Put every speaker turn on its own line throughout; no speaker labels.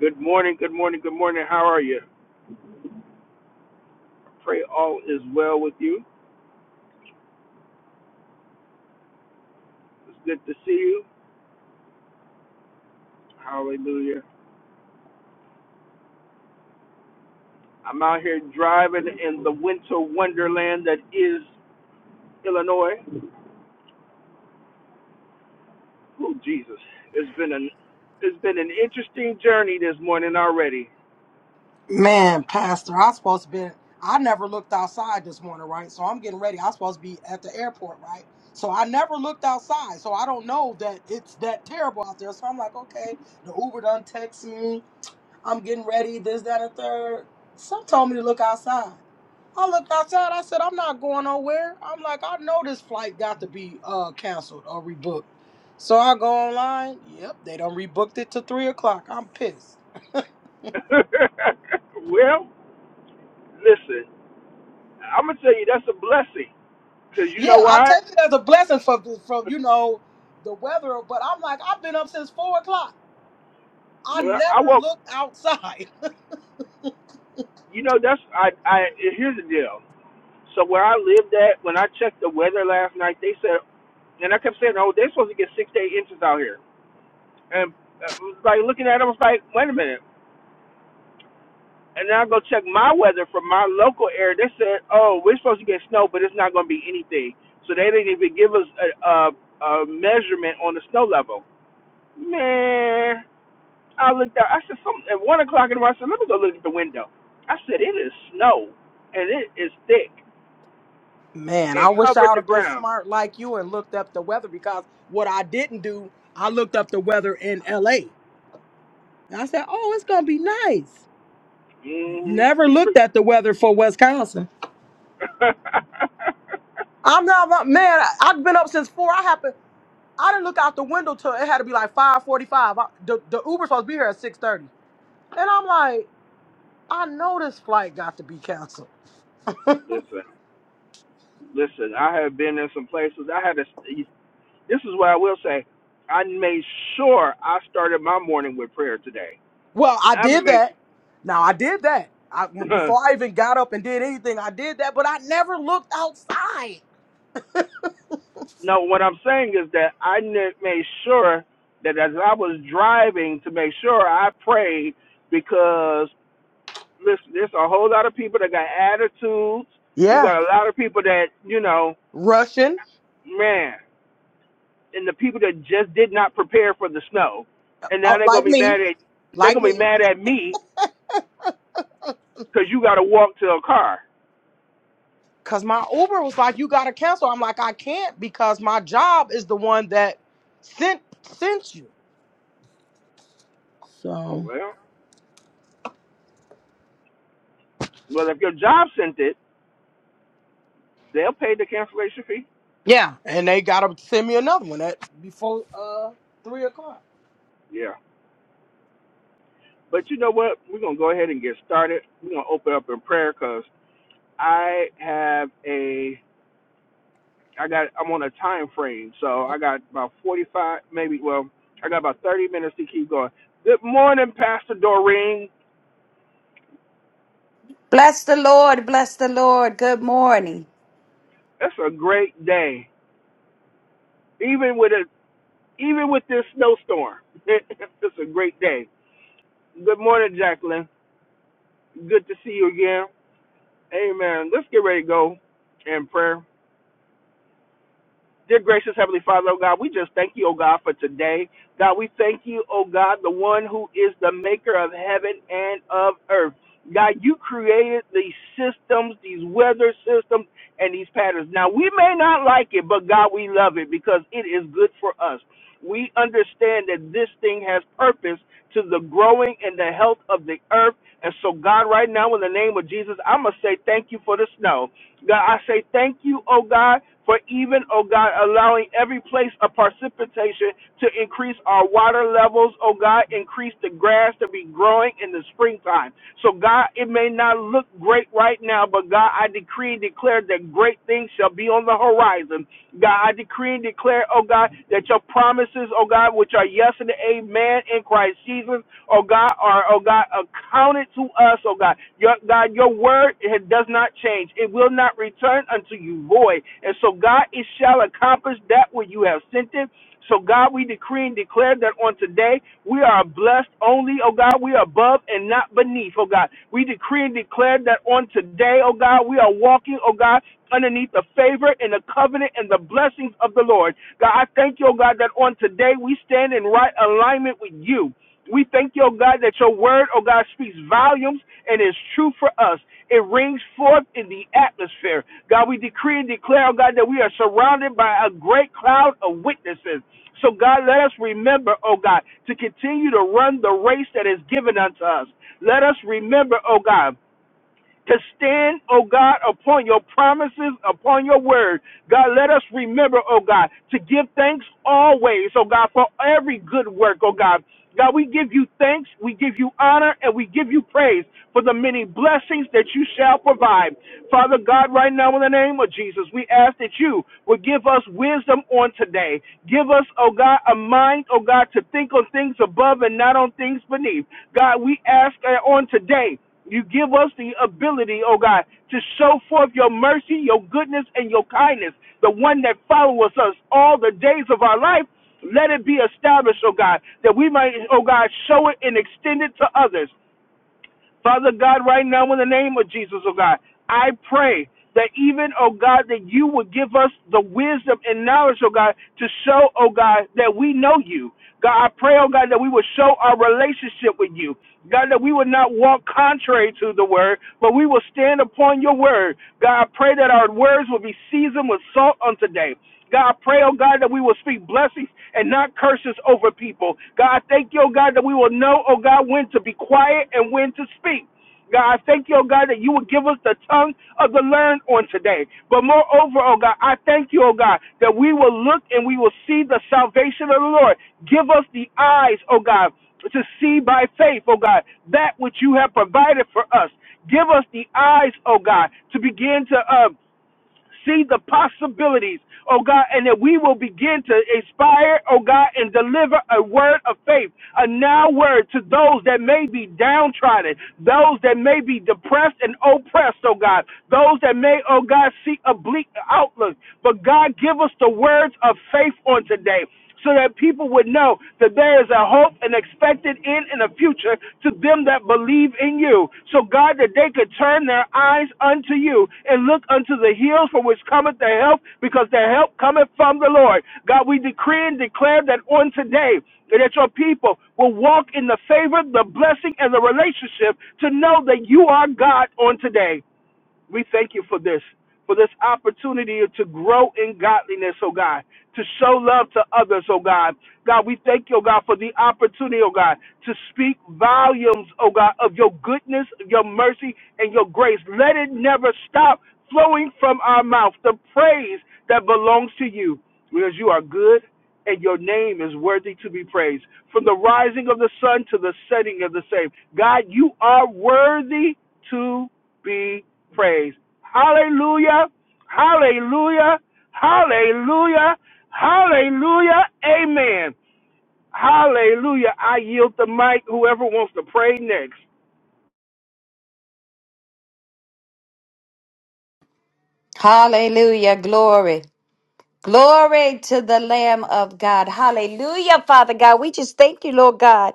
Good morning, good morning, good morning. How are you? Pray all is well with you. It's good to see you. Hallelujah. I'm out here driving in the winter wonderland that is Illinois. Oh Jesus. It's been an it's been an interesting journey this morning already.
Man, Pastor, I supposed to be. I never looked outside this morning, right? So I'm getting ready. I supposed to be at the airport, right? So I never looked outside. So I don't know that it's that terrible out there. So I'm like, okay, the Uber done text me. I'm getting ready. This, that, and third. Some told me to look outside. I looked outside. I said, I'm not going nowhere. I'm like, I know this flight got to be uh canceled or rebooked. So I go online. Yep, they done rebooked it to three o'clock. I'm pissed.
well, listen, I'm gonna tell you that's a blessing. Cause you
Yeah,
know
I
why?
take it as a blessing from from you know the weather, but I'm like I've been up since four o'clock. I
Well, I
never
woke
looked outside.
you know that's I I here's the deal. So where I lived at, when I checked the weather last night, they said And I kept saying, oh, they're supposed to get six to eight inches out here. And I was like looking at it, I was like, wait a minute. And then I go check my weather from my local area. They said, oh, we're supposed to get snow, but it's not going to be anything. So they didn't even give us a, a, a measurement on the snow level. Man, I looked out. I said, some, at 1 o'clock in the morning, I said, let me go look at the window. I said, it is snow, and it is thick
Man, I
and
wish I
covered
would
the
have been
ground.
smart like you and looked up the weather because what I didn't do, I looked up the weather in L.A. and I said, "Oh, it's gonna be nice."
hmm
Never looked at the weather for Wisconsin. I'm not my- man. I, I've been up since four. I happened. I didn't look out the window till it had to be like five forty-five. I, The, the Uber supposed to be here at six thirty, and I'm like. I know this flight got to be canceled.
Listen, Listen, I have been in some places. I had to. This is what I will say. I made sure I started my morning with prayer today.
Well, I
I
did
make
that. Now I did that. I before I even got up and did anything, I did that, but I never looked outside.
no. What I'm saying is that I ne- made sure that as I was driving to make sure I prayed because listen, there's a whole lot of people that got attitudes. You
Yeah,
got a lot of people that you know,
Russian,
man, and the people that just did not prepare for the snow, and now
uh,
they're gonna
like
be
me,
mad at they're
like
gonna be
me.
mad at me because you got to walk to a car.
Cause my Uber was like, "You gotta cancel." I'm like, "I can't because my job is the one that sent sent you." So
Well, Well, if your job sent it, they'll pay the cancellation fee.
yeah, and they gotta send me another one at before uh three o'clock.
yeah. But you know what? We're going to go ahead and get started. We're going to open up in prayer because I have a, I got, I'm on a time frame. So I got about 45, maybe, well, I got about 30 minutes to keep going. Good morning, Pastor Doreen.
Bless the Lord, bless the Lord. Good morning.
That's a great day. Even with a, even with this snowstorm, it's a great day. Good morning, Jacqueline. Good to see you again. Amen. Let's get ready to go in prayer. Dear gracious Heavenly Father, oh God, we just thank you, oh God, for today. God, we thank you, oh God, the one who is the maker of heaven and of earth. God, you created these systems, these weather systems, and these patterns. Now, we may not like it, but God, we love it because it is good for us. We understand that this thing has purpose to the growing and the health of the earth. And so, God, right now, in the name of Jesus, I'm going to say thank you for the snow. God, I say thank you, oh God, for even, oh God, allowing every place of precipitation to increase our water levels, oh God, increase the grass to be growing in the springtime. So, God, it may not look great right now, but God, I decree and declare that great things shall be on the horizon. God, I decree and declare, oh God, that your promises, oh God, which are yes and amen in Christ Jesus, oh God, are, oh God, accounted to us, oh God. Your, God, your word it does not change. It will not return unto you void. And so, God, it shall accomplish that which you have sent it. So, God, we decree and declare that on today we are blessed only, oh God. We are above and not beneath, oh God. We decree and declare that on today, oh God, we are walking, oh God, underneath the favor and the covenant and the blessings of the Lord. God, I thank you, oh God, that on today we stand in right alignment with you. We thank you, oh God, that your word, oh God, speaks volumes and is true for us. It rings forth in the atmosphere. God, we decree and declare, oh God, that we are surrounded by a great cloud of witnesses. So, God, let us remember, oh God, to continue to run the race that is given unto us. Let us remember, oh God, to stand, O God, upon your promises, upon your word. God, let us remember, O God, to give thanks always, O God, for every good work, O God. God, we give you thanks, we give you honor, and we give you praise for the many blessings that you shall provide. Father God, right now in the name of Jesus, we ask that you would give us wisdom on today. Give us, oh God, a mind, oh God, to think on things above and not on things beneath. God, we ask uh, on today you give us the ability, oh God, to show forth your mercy, your goodness, and your kindness, the one that follows us all the days of our life. Let it be established, oh God, that we might, oh God, show it and extend it to others. Father God, right now in the name of Jesus, oh God, I pray that even, oh God, that you would give us the wisdom and knowledge, oh God, to show, oh God, that we know you. God, I pray, oh God, that we would show our relationship with you. God, that we would not walk contrary to the word, but we will stand upon your word. God, I pray that our words will be seasoned with salt on today. God, pray, oh God, that we will speak blessings and not curses over people. God, thank you, oh God, that we will know, oh God, when to be quiet and when to speak. God, I thank you, oh God, that you would give us the tongue of the learned on today. But moreover, oh God, I thank you, oh God, that we will look and we will see the salvation of the Lord. Give us the eyes, oh God, to see by faith, oh God, that which you have provided for us. Give us the eyes, oh God, to begin to uh, see the possibilities, oh God, and that we will begin to inspire, oh God, and deliver a word of faith, a now word to those that may be downtrodden, those that may be depressed and oppressed, oh God, those that may, oh God, see a bleak outlook. But God, give us the words of faith on today so that people would know that there is a hope and expected end in the future to them that believe in you. So, God, that they could turn their eyes unto you and look unto the hills from which cometh their help, because their help cometh from the Lord. God, we decree and declare that on today, that your people will walk in the favor, the blessing, and the relationship to know that you are God on today. We thank you for this, for this opportunity to grow in godliness, oh God, to show love to others, oh God. God, we thank you, oh God, for the opportunity, oh God, to speak volumes, oh God, of your goodness, your mercy, and your grace. Let it never stop flowing from our mouth, the praise that belongs to you, because you are good and your name is worthy to be praised. From the rising of the sun to the setting of the same, God, you are worthy to be praised. Hallelujah. Hallelujah. Hallelujah. Hallelujah. Amen. Hallelujah. I yield the mic. Whoever wants to pray next.
Hallelujah. Glory. Glory to the Lamb of God. Hallelujah, Father God. We just thank you, Lord God.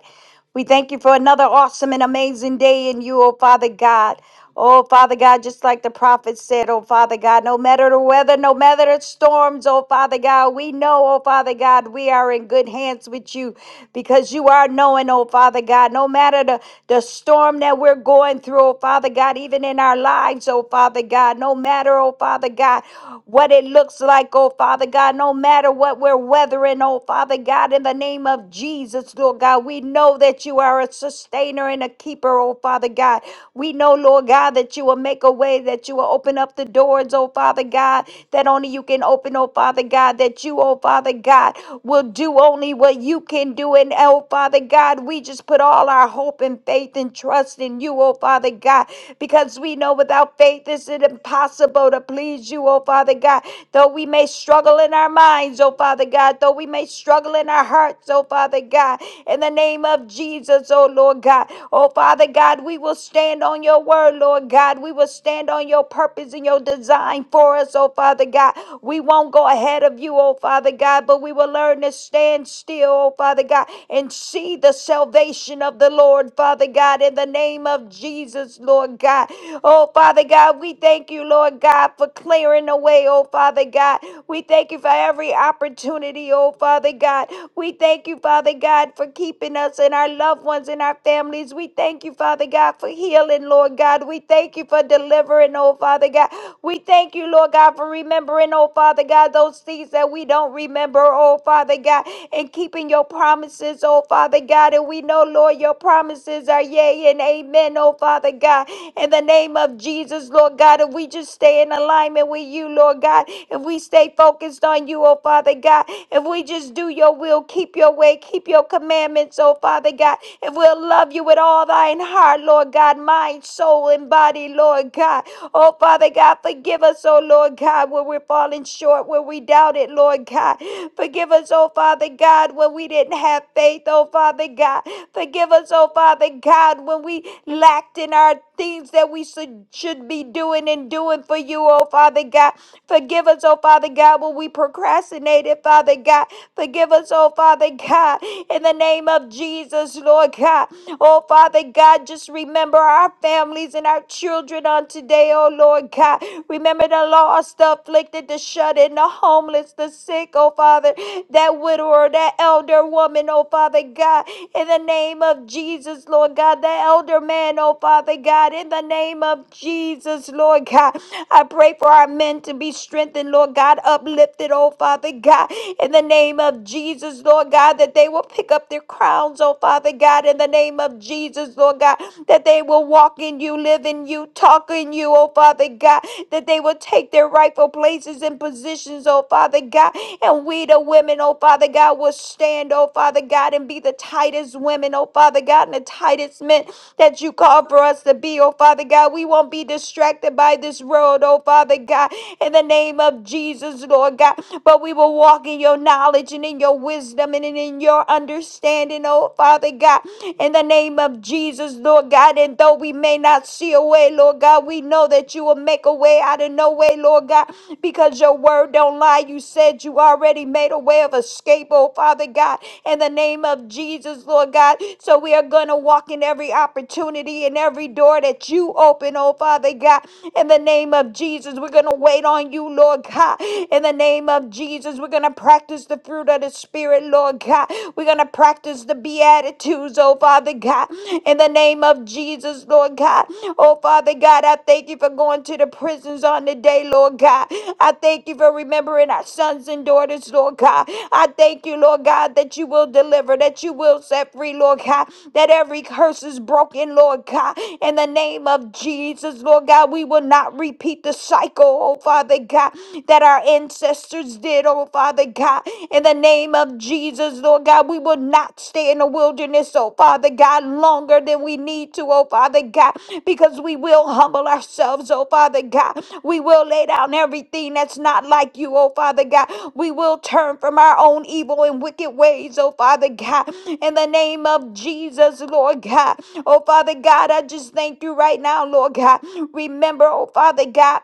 We thank you for another awesome and amazing day in you, oh Father God. Oh Father God, just like the prophet said, oh Father God, no matter the weather, no matter the storms, oh Father God, we know, oh Father God, we are in good hands with you because you are knowing, oh Father God, no matter the, the storm that we're going through, oh Father God, even in our lives, oh Father God, no matter, oh Father God, what it looks like, oh oh Father God, no matter what we're weathering, oh Father God, in the name of Jesus, Lord God, we know that you are a sustainer and a keeper, oh Father God. We know, Lord God, that you will make a way, that you will open up the doors, oh Father God, that only you can open, oh Father God, that you, oh Father God, will do only what you can do. And oh Father God, we just put all our hope and faith and trust in you, oh Father God, because we know without faith it's impossible to please you, oh Father God. Though we may struggle in our minds, oh Father God, though we may struggle in our hearts, oh Father God, in the name of Jesus, oh Lord God. Oh Father God, we will stand on your word, Lord God. We will stand on your purpose and your design for us, oh Father God. We won't go ahead of you, oh Father God, but we will learn to stand still, oh Father God, and see the salvation of the Lord, Father God, in the name of Jesus, Lord God. Oh Father God, we thank you, Lord God, for clearing the way, oh Father. God. We thank you for every opportunity, oh Father God. We thank you, Father God, for keeping us and our loved ones and our families. We thank you, Father God, for healing, Lord God. We thank you for delivering, oh Father God. We thank you, Lord God, for remembering, oh Father God, those things that we don't remember, oh Father God, and keeping your promises, oh Father God. And we know, Lord, your promises are yea and amen, oh Father God. In the name of Jesus, Lord God, if we just stay in alignment with you, Lord God, if we stay focused on you, oh Father God, if we just do your will, keep your way, keep your commandments, oh Father God, if we'll love you with all thine heart, Lord God, mind, soul, and body, Lord God. Oh Father God, forgive us, oh Lord God, where we're falling short, where we doubt it, Lord God. Forgive us, oh Father God, when we didn't have faith, oh Father God. Forgive us, oh Father God, when we lacked in our things that we should, should be doing and doing for you, oh Father God. Forgive us, oh Father God, when we procrastinated, Father God. Forgive us, oh Father God, in the name of Jesus, Lord God. Oh Father God, just remember our families and our children on today, oh Lord God. Remember the lost, the afflicted, the shut in, the homeless, the sick, oh Father, that widower, that elder woman, oh Father God, in the name of Jesus, Lord God, the elder man, oh Father God, in the name of Jesus, Lord God. I pray for our men to be strengthened, Lord God, uplifted, oh Father God, in the name of Jesus, Lord God, that they will pick up their crowns, oh Father God, in the name of Jesus, Lord God, that they will walk in you, live in you, talk in you, oh Father God, that they will take their rightful places and positions, oh Father God, and we the women, oh Father God, will stand, oh Father God, and be the tightest women, oh Father God, and the tightest men that you call for us to be, oh Father God. We won't be distracted by this world, oh Father God in the name of Jesus, Lord God. But we will walk in your knowledge and in your wisdom and in your understanding, oh Father God, in the name of Jesus, Lord God. And though we may not see a way, Lord God, we know that you will make a way out of no way, Lord God, because your word don't lie. You said you already made a way of escape, oh Father God, in the name of Jesus, Lord God. So we are going to walk in every opportunity and every door that you open, oh Father God, in the name of Jesus. We're going to going to wait on you, Lord God. In the name of Jesus, we're going to practice the fruit of the Spirit, Lord God. We're going to practice the Beatitudes, oh Father God. In the name of Jesus, Lord God. Oh Father God, I thank you for going to the prisons on the day, Lord God. I thank you for remembering our sons and daughters, Lord God. I thank you, Lord God, that you will deliver, that you will set free, Lord God, that every curse is broken, Lord God. In the name of Jesus, Lord God, we will not repeat the cycle cycle, oh Father God, that our ancestors did, oh Father God. In the name of Jesus, Lord God, we will not stay in the wilderness, oh Father God, longer than we need to, oh Father God, because we will humble ourselves, oh Father God. We will lay down everything that's not like you, oh Father God. We will turn from our own evil and wicked ways, oh Father God. In the name of Jesus, Lord God. Oh Father God, I just thank you right now, Lord God. Remember, oh Father God.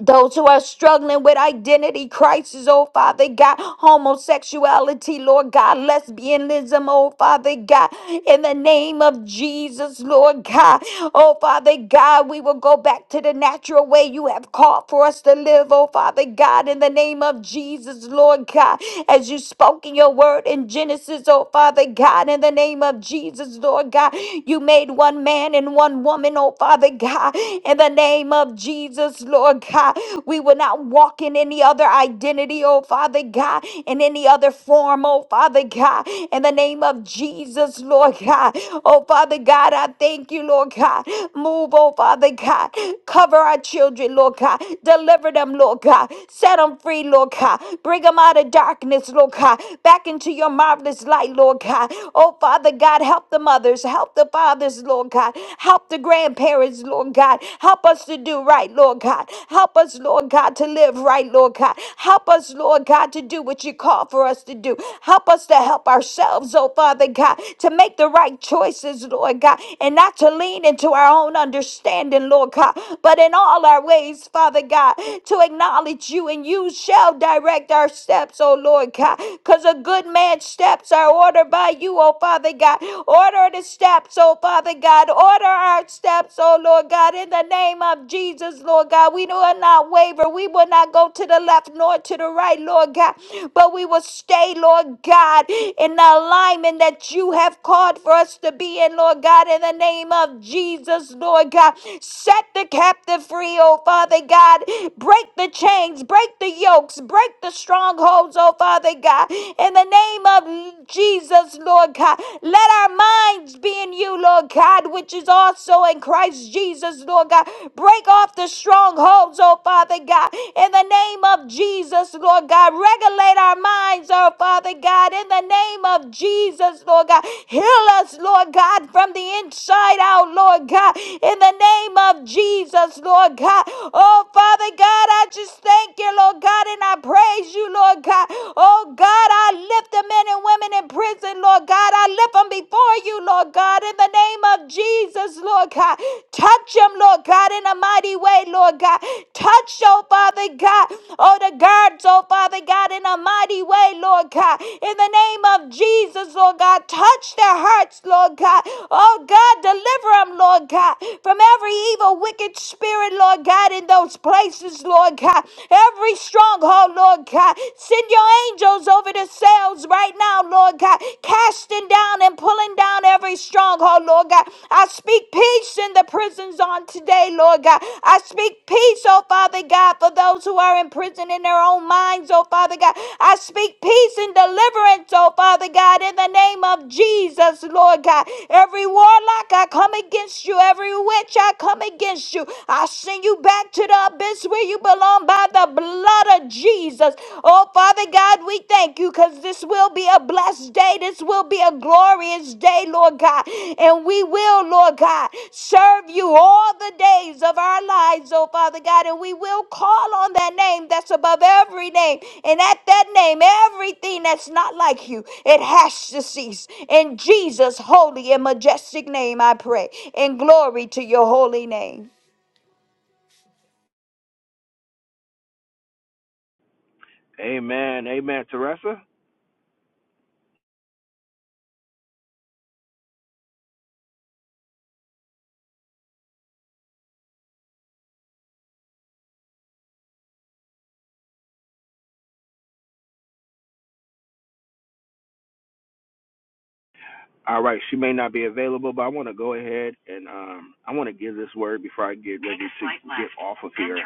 Those who are struggling with identity crisis, oh Father God, homosexuality, Lord God, lesbianism, oh Father God, in the name of Jesus, Lord God, oh Father God, we will go back to the natural way you have called for us to live, oh Father God, in the name of Jesus, Lord God, as you spoke in your word in Genesis, oh Father God, in the name of Jesus, Lord God, you made one man and one woman, oh Father God, in the name of Jesus, Lord God, we will not walk in any other identity, oh Father God, in any other form, oh Father God. In the name of Jesus, Lord God, oh Father God, I thank you, Lord God. Move, oh Father God. Cover our children, Lord God. Deliver them, Lord God. Set them free, Lord God. Bring them out of darkness, Lord God. Back into your marvelous light, Lord God. Oh Father God, help the mothers, help the fathers, Lord God. Help the grandparents, Lord God. Help us to do right, Lord God. Help us, Lord God, to live right, Lord God. Help us, Lord God, to do what you call for us to do. Help us to help ourselves, oh Father God, to make the right choices, Lord God, and not to lean into our own understanding, Lord God, but in all our ways, Father God, to acknowledge you and you shall direct our steps, oh Lord God, because a good man's steps are ordered by you, oh Father God. Order Order the steps, oh Father God. Order our steps, oh Lord God, in the name of Jesus, Lord God. We will not waver. We will not go to the left nor to the right, Lord God. But we will stay, Lord God, in the alignment that you have called for us to be in, Lord God, in the name of Jesus, Lord God. Set the captive free, oh Father God. Break the chains, break the yokes, break the strongholds, oh Father God. In the name of Jesus. Jesus, Lord God. Let our minds be in you, Lord God, which is also in Christ Jesus, Lord God. Break off the strongholds, oh Father God, in the name of Jesus, Lord God. Regulate our minds, oh Father God, in the name of Jesus, Lord God. Heal us, Lord God, from the inside out, Lord God, in the name of Jesus, Lord God. Oh Father God, I just thank you, Lord God, and I praise you, Lord God. Oh Lord God, I lift the men and women in prison, Lord God. I lift them before you, Lord God, in the name of Jesus, Lord God. Touch them, Lord God, in a mighty way, Lord God. Touch, oh Father God, oh the guards, oh Father God, in a mighty way, Lord God. In the name of Jesus, Lord God, touch their hearts, Lord God. Oh God, deliver them, Lord God, from every evil, wicked spirit, Lord God, in those places, Lord God. Every strong stronghold, Lord God. Send your angels over the cells right now, Lord God, casting down and pulling down every stronghold, Lord God. I speak peace in the prisons on today, Lord God. I speak peace, oh Father God, for those who are in prison in their own minds, oh Father God. I speak peace and deliverance, oh Father God, in the name of Jesus, Lord God. Every warlock, I come against you. Every witch, I come against you. I send you back to the abyss place where you belong by the blood of Jesus. Oh, Father God, we thank you because this will be a blessed day. This will be a glorious day, Lord God. And we will, Lord God, serve you all the days of our lives, oh, Father God. And we will call on that name that's above every name. And at that name, everything that's not like you, it has to cease. In Jesus' holy and majestic name, I pray. And glory to your holy name.
Amen. Amen. Teresa? All right. She may not be available, but I want to go ahead and um, I want to give this word before I get ready to get off of here.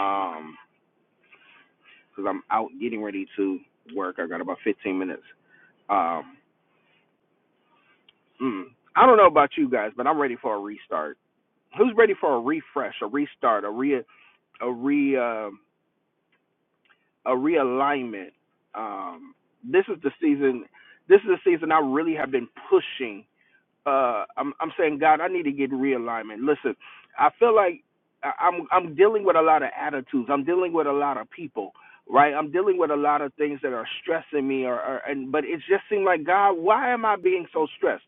Um, because I'm out getting ready to work. I got about 15 minutes. Um, mm, I don't know about you guys, but I'm ready for a restart. Who's ready for a refresh, a restart, a re a re uh, a realignment? Um, this is the season. This is the season I really have been pushing uh I'm I'm saying God, I need to get realignment. Listen, I feel like I- I'm I'm dealing with a lot of attitudes. I'm dealing with a lot of people, right? I'm dealing with a lot of things that are stressing me or, or and but it just seemed like God, why am I being so stressed?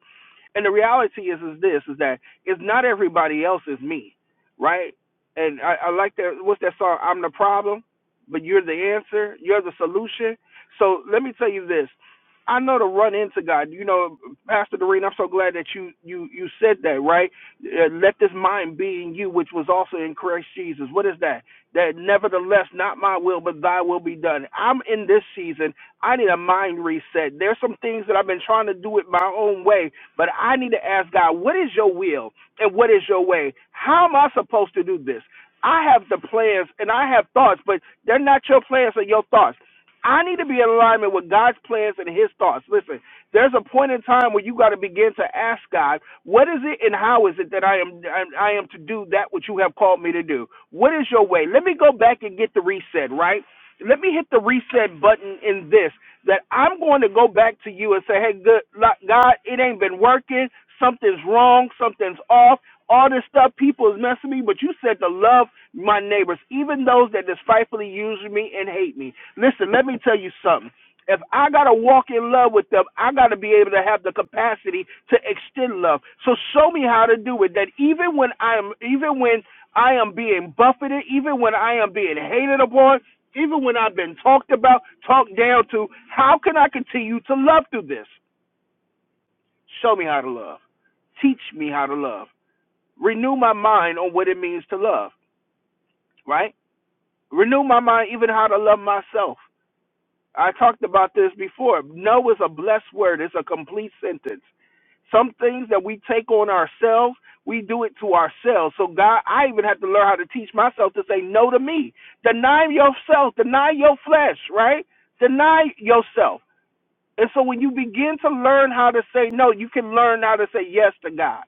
And the reality is is this is that it's not everybody else is me, right? And I, I like that what's that song? I'm the problem, but you're the answer, you're the solution. So let me tell you this. I know to run into God. You know, Pastor Doreen, I'm so glad that you you you said that, right? Uh, Let this mind be in you, which was also in Christ Jesus. What is that? That nevertheless, not my will, but Thy will be done. I'm in this season. I need a mind reset. There's some things that I've been trying to do it my own way, but I need to ask God, what is Your will and what is Your way? How am I supposed to do this? I have the plans and I have thoughts, but they're not your plans or your thoughts. I need to be in alignment with God's plans and His thoughts. Listen, there's a point in time where you got to begin to ask God, what is it and how is it that I am I am to do that which you have called me to do? What is your way? Let me go back and get the reset, right? Let me hit the reset button in this that I'm going to go back to you and say, hey, good, like, God, it ain't been working. Something's wrong. Something's off all this stuff people is messing me, but you said to love my neighbors, even those that despitefully use me and hate me. Listen, let me tell you something. If I gotta walk in love with them, I gotta be able to have the capacity to extend love. So show me how to do it. That even when I'm, even when I am being buffeted, even when I am being hated upon, even when I've been talked about, talked down to, how can I continue to love through this? Show me how to love. Teach me how to love. Renew my mind on what it means to love, right? Renew my mind even how to love myself. I talked about this before. No is a blessed word, it's a complete sentence. Some things that we take on ourselves, we do it to ourselves. So, God, I even have to learn how to teach myself to say no to me. Deny yourself, deny your flesh, right? Deny yourself. And so, when you begin to learn how to say no, you can learn how to say yes to God.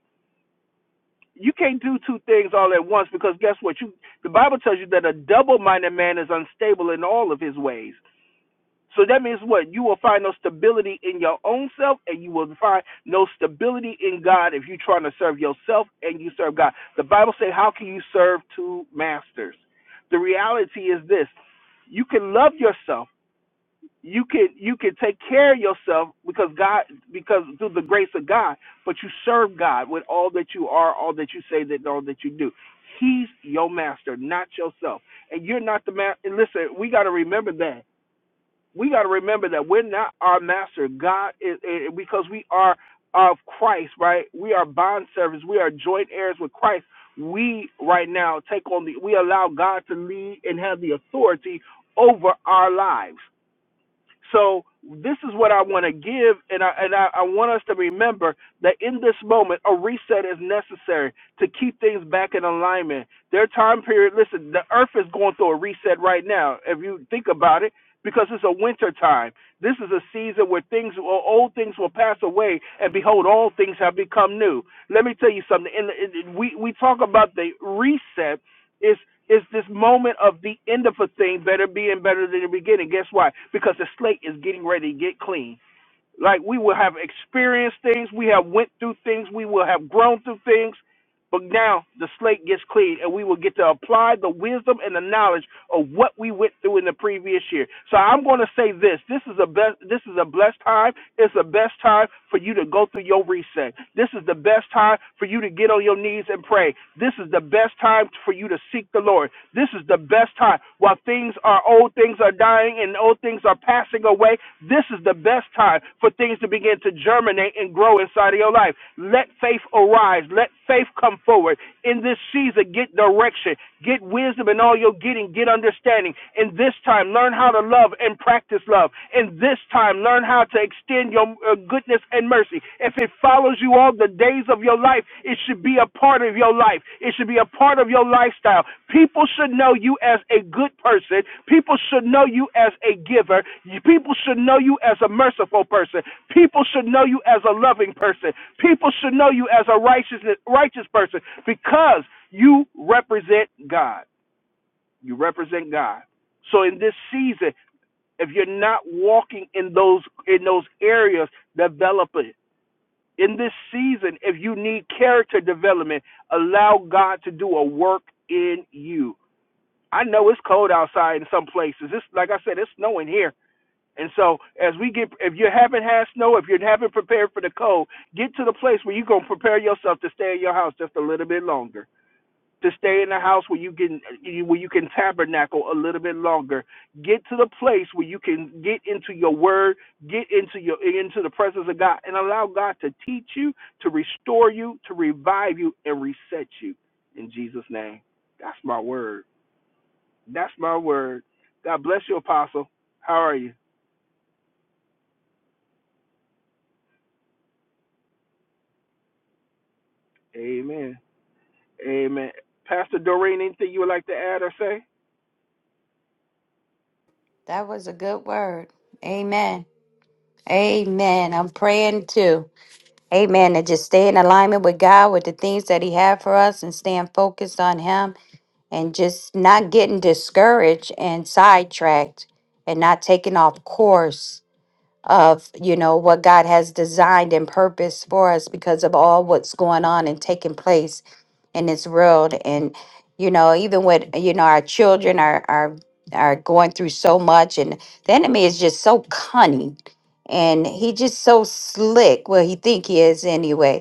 you can't do two things all at once because guess what you the bible tells you that a double minded man is unstable in all of his ways so that means what you will find no stability in your own self and you will find no stability in god if you're trying to serve yourself and you serve god the bible says how can you serve two masters the reality is this you can love yourself you can you can take care of yourself because God because through the grace of God, but you serve God with all that you are, all that you say, that all that you do. He's your master, not yourself, and you're not the master. And listen, we got to remember that. We got to remember that we're not our master. God is is- because we are of Christ, right? We are bond servants. We are joint heirs with Christ. We right now take on the. We allow God to lead and have the authority over our lives. So this is what I want to give, and I and I, I want us to remember that in this moment, a reset is necessary to keep things back in alignment. Their time period. Listen, the Earth is going through a reset right now. If you think about it. Because it's a winter time. This is a season where things, will- old things will pass away, and behold, all things have become new. Let me tell you something. In, in, we we talk about the reset, it's it's this moment of the end of a thing better being better than the beginning. Guess why? Because the slate is getting ready to get clean. Like we will have experienced things, we have went through things, we will have grown through things, but now the slate gets clean and we will get to apply the wisdom and the knowledge of what we went through in the previous year. So I'm going to say this, this is a best this is a blessed time. It's the best time for you to go through your reset. This is the best time for you to get on your knees and pray. This is the best time for you to seek the Lord. This is the best time while things are old things things are dying and old things are passing away, this is the best time for things to begin to germinate and grow inside of your life. Let faith arise. Let faith come forward. In this season, get direction, get wisdom in all you're getting, get understanding. In this time, learn how to love and practice love. In this time, learn how to extend your uh, goodness and mercy. If it follows you all the days of your life. It should be a part of your life. It should be a part of your lifestyle. People should know you as a good person. People should know you as a giver. People should know you as a merciful person. People should know you as a loving person. People should know you as a righteous righteous person because you represent God. You represent God. So in this season, if you're not walking in those in those areas, develop it in this season, if you need character development, allow God to do a work in you. I know it's cold outside in some places. It's like I said, it's snowing here. And so as we get if you haven't had snow, if you haven't prepared for the cold, get to the place where you're gonna prepare yourself to stay in your house just a little bit longer to stay in the house where you can where you can tabernacle a little bit longer. Get to the place where you can get into your word, get into your into the presence of God, and allow God to teach you, to restore you, to revive you, and reset you. In Jesus' name, that's my word. That's my word. God bless you, Apostle. How are you? Amen. Amen. Pastor Doreen, anything you would like to add or say?
That was a good word. Amen. Amen. I'm praying too. Amen. And just stay in alignment with God, with the things that He had for us, and staying focused on Him, and just not getting discouraged and sidetracked, and not taking off course of you know what God has designed and purpose for us because of all what's going on and taking place in this world and you know even with you know our children are are are going through so much and the enemy is just so cunning and he just so slick well he think he is anyway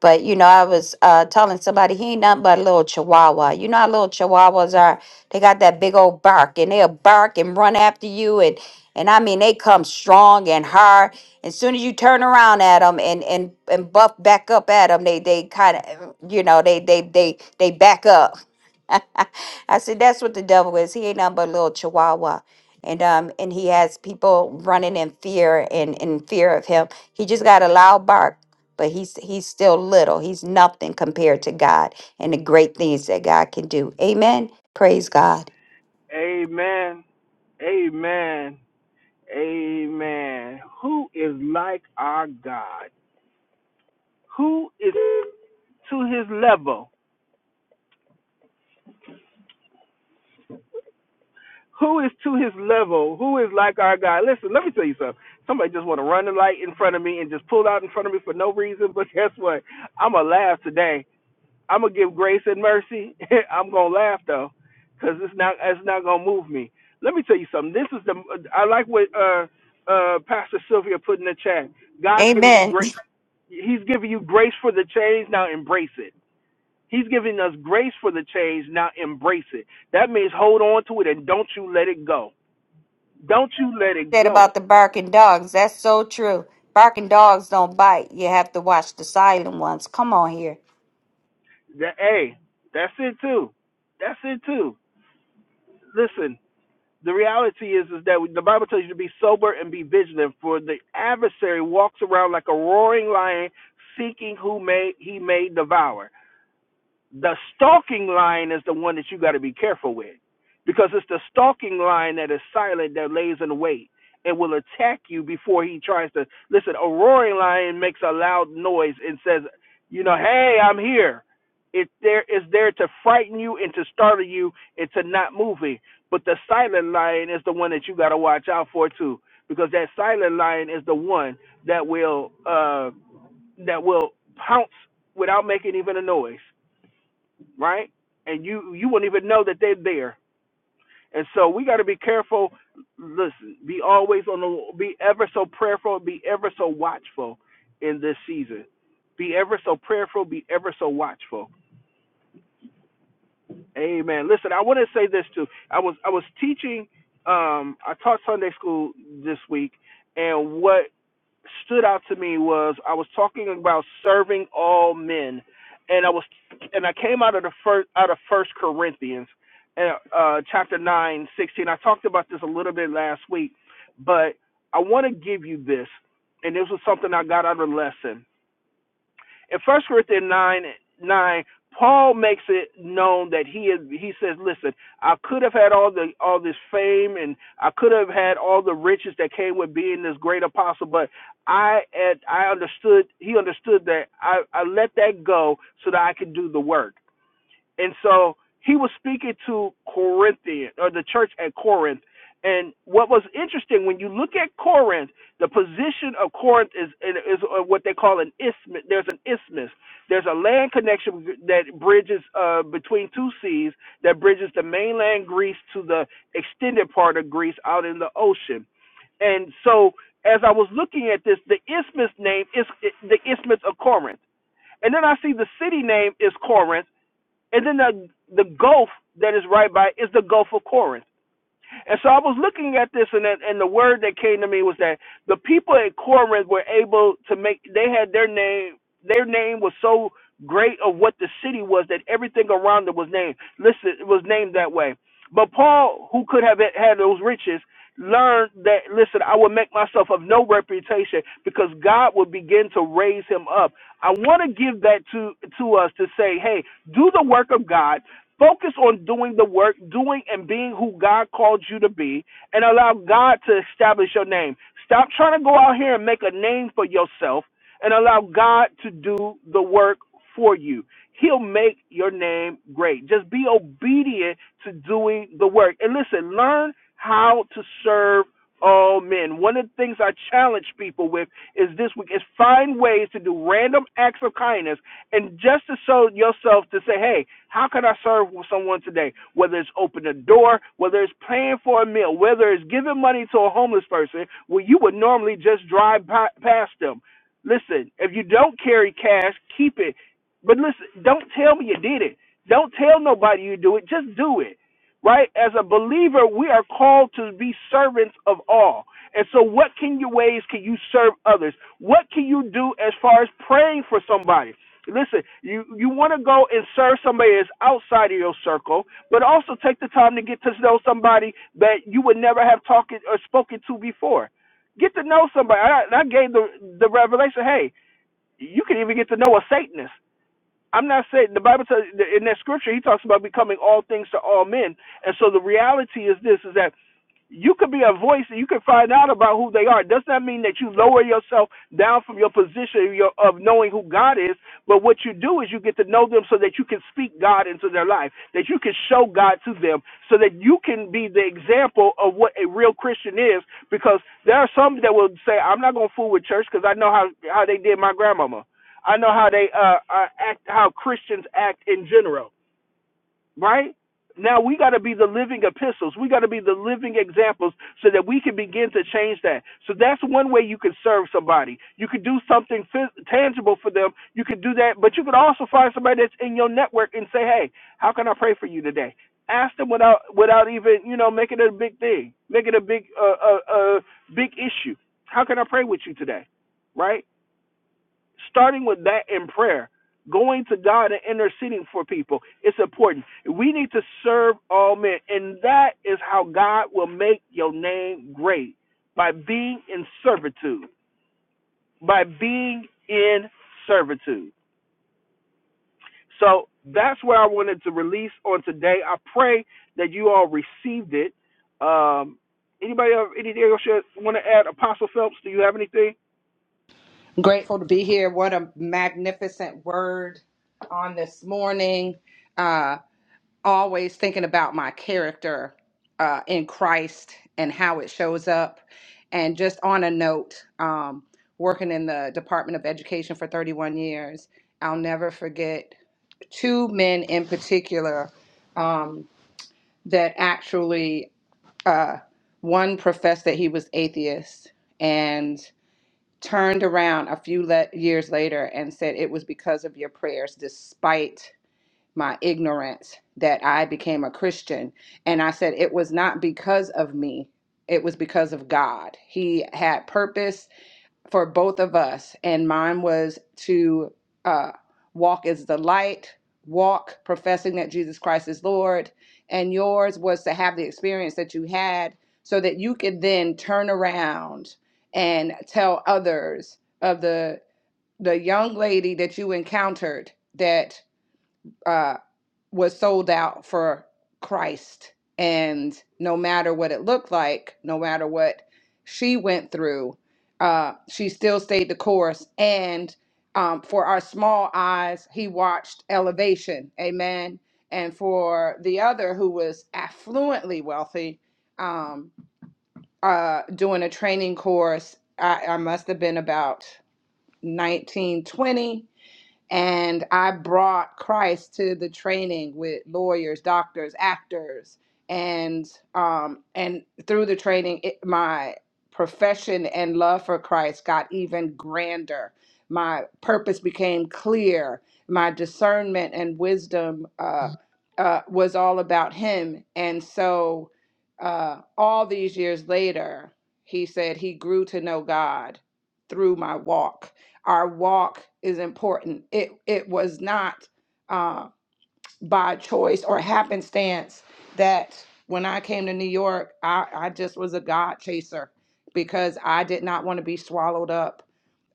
but you know, I was uh, telling somebody he ain't nothing but a little chihuahua. You know how little chihuahuas are? They got that big old bark, and they'll bark and run after you, and and I mean they come strong and hard. As soon as you turn around at them and and and buff back up at them, they they kind of you know they they they they back up. I said that's what the devil is. He ain't nothing but a little chihuahua. And um and he has people running in fear and in fear of him. He just got a loud bark but he's he's still little. He's nothing compared to God and the great things that God can do. Amen. Praise God.
Amen. Amen. Amen. Who is like our God? Who is to his level? Who is to his level? Who is like our God? Listen, let me tell you something. Somebody just want to run the light in front of me and just pull out in front of me for no reason. But guess what? I'm going to laugh today. I'm going to give grace and mercy. I'm going to laugh, though, because it's not, it's not going to move me. Let me tell you something. This is the, I like what uh, uh, Pastor Sylvia put in the chat. God's giving you
Amen.
grace. He's giving you grace for the change. Now embrace it. He's giving us grace for the change. Now embrace it. That means hold on to it and don't you let it go. Don't you let
You
it
said
go.
about the barking dogs. That's so true. Barking dogs don't bite. You have to watch the silent ones. Come on here.
That hey, that's it too. That's it too. Listen, the reality is is that the Bible tells you to be sober and be vigilant. For the adversary walks around like a roaring lion, seeking who may he may devour. The stalking line is the one that you got to be careful with because it's the stalking line that is silent that lays in wait and will attack you before he tries to. Listen, a roaring lion makes a loud noise and says, you know, hey, I'm here. It there is there to frighten you and to startle you and to not moving. But the silent lion is the one that you got to watch out for too, because that silent lion is the one that will uh, that will pounce without making even a noise right? And you you wouldn't even know that they're there. And so we got to be careful. Listen, be always on the be ever so prayerful, be ever so watchful in this season. Be ever so prayerful, be ever so watchful. Amen. Listen, I want to say this too. I was I was teaching um I taught Sunday school this week and what stood out to me was I was talking about serving all men, and I was and I came out of the first out of First Corinthians, uh, uh, chapter 9, 16. I talked about this a little bit last week, but I want to give you this, and this was something I got out of the lesson in First Corinthians nine nine, Paul makes it known that he is. He says, "Listen, I could have had all the all this fame, and I could have had all the riches that came with being this great apostle, but I I understood. He understood that I, I let that go so that I could do the work. And so he was speaking to Corinthian or the church at Corinth. And what was interesting when you look at Corinth, the position of Corinth is is what they call an isthmus. There's an isthmus. There's a land connection that bridges uh, between two seas that bridges the mainland Greece to the extended part of Greece out in the ocean. And so, as I was looking at this, the isthmus name is the isthmus of Corinth, and then I see the city name is Corinth and then the the Gulf that is right by is the Gulf of Corinth. And so I was looking at this, and and the word that came to me was that the people at Corinth were able to make. They had their name. Their name was so great of what the city was that everything around it was named. Listen, it was named that way. But Paul, who could have had those riches, learned that. Listen, I will make myself of no reputation because God will begin to raise him up. I want to give that to to us to say, hey, do the work of God. Focus on doing the work, doing and being who God called you to be, and allow God to establish your name. Stop trying to go out here and make a name for yourself and allow God to do the work for you. He'll make your name great. Just be obedient to doing the work. And listen, learn how to serve all men. One of the things I challenge people with is this week is find ways to do random acts of kindness and just to show yourself to say, hey, how can I serve someone today? Whether it's opening a door, whether it's paying for a meal, whether it's giving money to a homeless person, where you would normally just drive past them. Listen, if you don't carry cash, keep it. But listen, don't tell me you did it. Don't tell nobody you do it. Just do it. Right? As a believer, we are called to be servants of all. And so, what can your ways can you serve others? What can you do as far as praying for somebody? listen, you you want to go and serve somebody that's outside of your circle, but also take the time to get to know somebody that you would never have talked or spoken to before. Get to know somebody. I, I gave the the revelation. Hey, you can even get to know a Satanist. I'm not saying the Bible says in that scripture he talks about becoming all things to all men, and so the reality is this: is that you could be a voice and you can find out about who they are. It does not mean that you lower yourself down from your position of, your, of knowing who God is, but what you do is you get to know them so that you can speak God into their life, that you can show God to them, so that you can be the example of what a real Christian is. Because there are some that will say, "I'm not going to fool with church because I know how how they did my grandmama. I know how they uh, uh act, how Christians act in general." right? Now we got to be the living epistles. We got to be the living examples so that we can begin to change that. So that's one way you can serve somebody. You could do something phys- tangible for them. You could do that, but you could also find somebody that's in your network and say, "Hey, how can I pray for you today?" Ask them without without even you know making it a big thing, making it a big uh, uh, uh, big issue. How can I pray with you today? Right? starting with that in prayer, going to God and interceding for people. It's important. We need to serve all men, and that is how God will make your name great by being in servitude. By being in servitude. So that's what I wanted to release on today. I pray that you all received it. Um, anybody have anything else you want to add? Apostle Phelps, do you have anything?
Grateful to be here. What a magnificent word on this morning. Uh, always thinking about my character uh, in Christ and how it shows up. And just on a note, um, working in the Department of Education for 31 years, I'll never forget two men in particular um, that actually, uh, one professed that he was atheist. and turned around a few le- years later and said it was because of your prayers despite my ignorance that I became a Christian and I said it was not because of me it was because of God he had purpose for both of us, and mine was to uh, walk as the light, walk professing that Jesus Christ is Lord, and yours was to have the experience that you had so that you could then turn around and tell others of the the young lady that you encountered that. uh, was sold out for Christ. And no matter what it looked like, no matter what she went through, uh, she still stayed the course. And um, for our small eyes, he watched elevation. Amen. And for the other who was affluently wealthy, um, uh, doing a training course, I, I must have been about nineteen, twenty and I brought Christ to the training with lawyers, doctors, actors, and um, and through the training, it, my profession and love for Christ got even grander. My purpose became clear. My discernment and wisdom uh, uh, was all about Him, and so uh, all these years later, he said he grew to know God through my walk our walk is important. It it was not uh, by choice or happenstance that when I came to New York, I, I just was a God chaser because I did not want to be swallowed up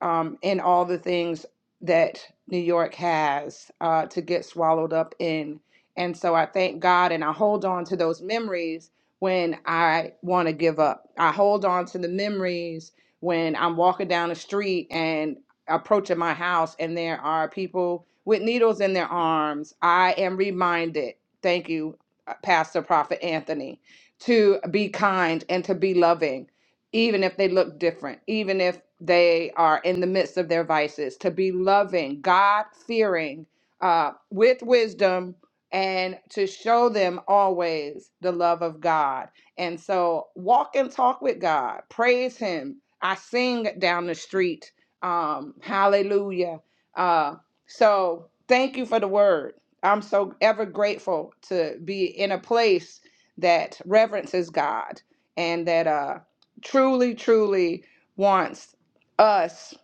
um, in all the things that New York has uh, to get swallowed up in. And so I thank God and I hold on to those memories when I want to give up. I hold on to the memories when I'm walking down the street and approaching my house and there are people with needles in their arms, I am reminded, thank you, uh, Pastor Prophet Anthony, to be kind and to be loving, even if they look different, even if they are in the midst of their vices, to be loving, God fearing, uh, with wisdom, and to show them always the love of God. And so walk and talk with God, praise Him. I sing down the street um, hallelujah. Uh, so thank you for the word. I'm so ever grateful to be in a place that reverences God and that uh, truly, truly wants us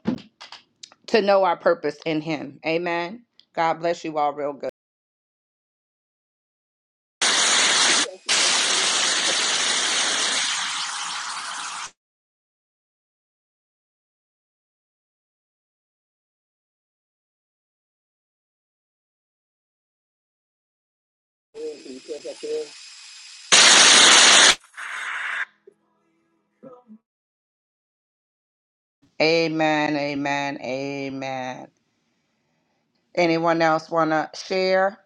to know our purpose in Him. Amen. God bless you all real good. Amen. Amen. Amen. Anyone else want to share?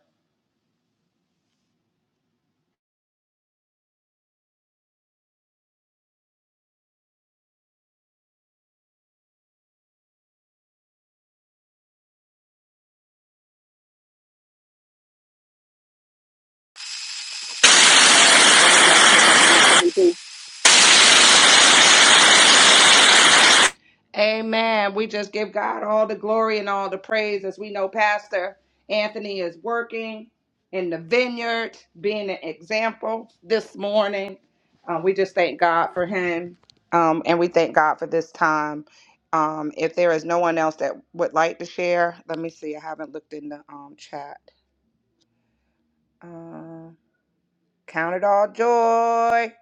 Amen. We just give God all the glory and all the praise as we know Pastor Anthony is working in the vineyard, being an example this morning. Uh, we just thank God for him um, and we thank God for this time. Um, if there is no one else that would like to share, let me see. I haven't looked in the um, chat. Uh, count it all joy.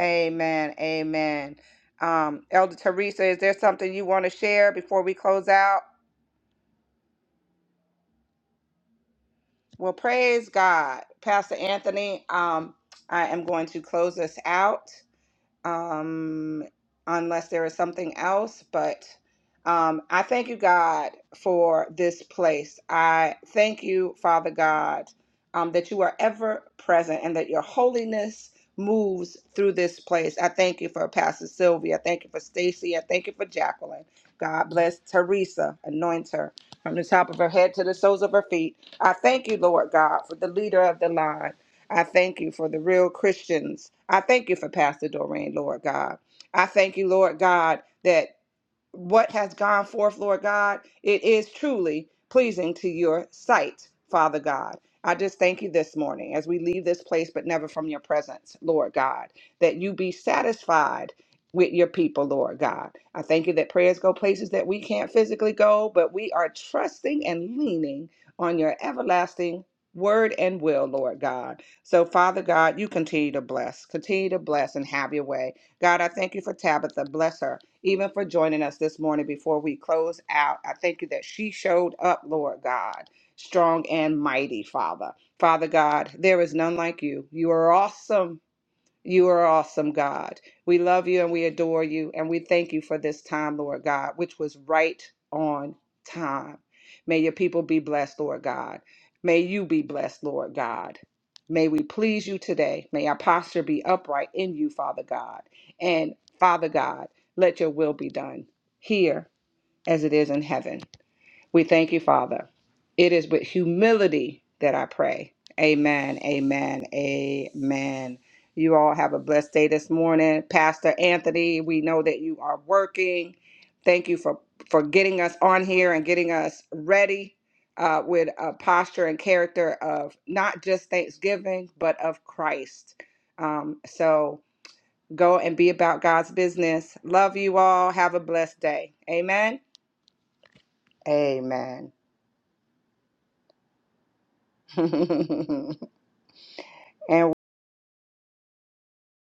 Amen. Amen. Um, Elder Teresa, is there something you want to share before we close out? Well, praise God. Pastor Anthony, um, I am going to close us out um, unless there is something else. But um, I thank you, God, for this place. I thank you, Father God, um, that you are ever present and that your holiness moves through this place. I thank you for Pastor Sylvia. I thank you for Stacy. I thank you for Jacqueline. God bless Teresa. Anoint her from the top of her head to the soles of her feet. I thank you, Lord God, for the leader of the line. I thank you for the real Christians. I thank you for Pastor Doreen, Lord God. I thank you, Lord God. that what has gone forth, Lord God, it is truly pleasing to your sight, Father God. I just thank you this morning as we leave this place, but never from your presence, Lord God, that you be satisfied with your people, Lord God. I thank you that prayers go places that we can't physically go, but we are trusting and leaning on your everlasting word and will, Lord God. So, Father God, you continue to bless, continue to bless and have your way. God, I thank you for Tabitha. Bless her even for joining us this morning before we close out. I thank you that she showed up, Lord God, strong and mighty, Father. Father God, there is none like you. You are awesome. You are awesome, God. We love you and we adore you, and we thank you for this time, Lord God, which was right on time. May your people be blessed, Lord God. May you be blessed, Lord God. May we please you today. May our posture be upright in you, Father God. And Father God, let your will be done here as it is in heaven. We thank you, Father. It is with humility that I pray. Amen, amen, amen. You all have a blessed day this morning. Pastor Anthony, we know that you are working. Thank you for, for getting us on here and getting us ready uh, with a posture and character of not just thanksgiving, but of Christ. Um, so go and be about God's business. Love you all. Have a blessed day. Amen. Amen. and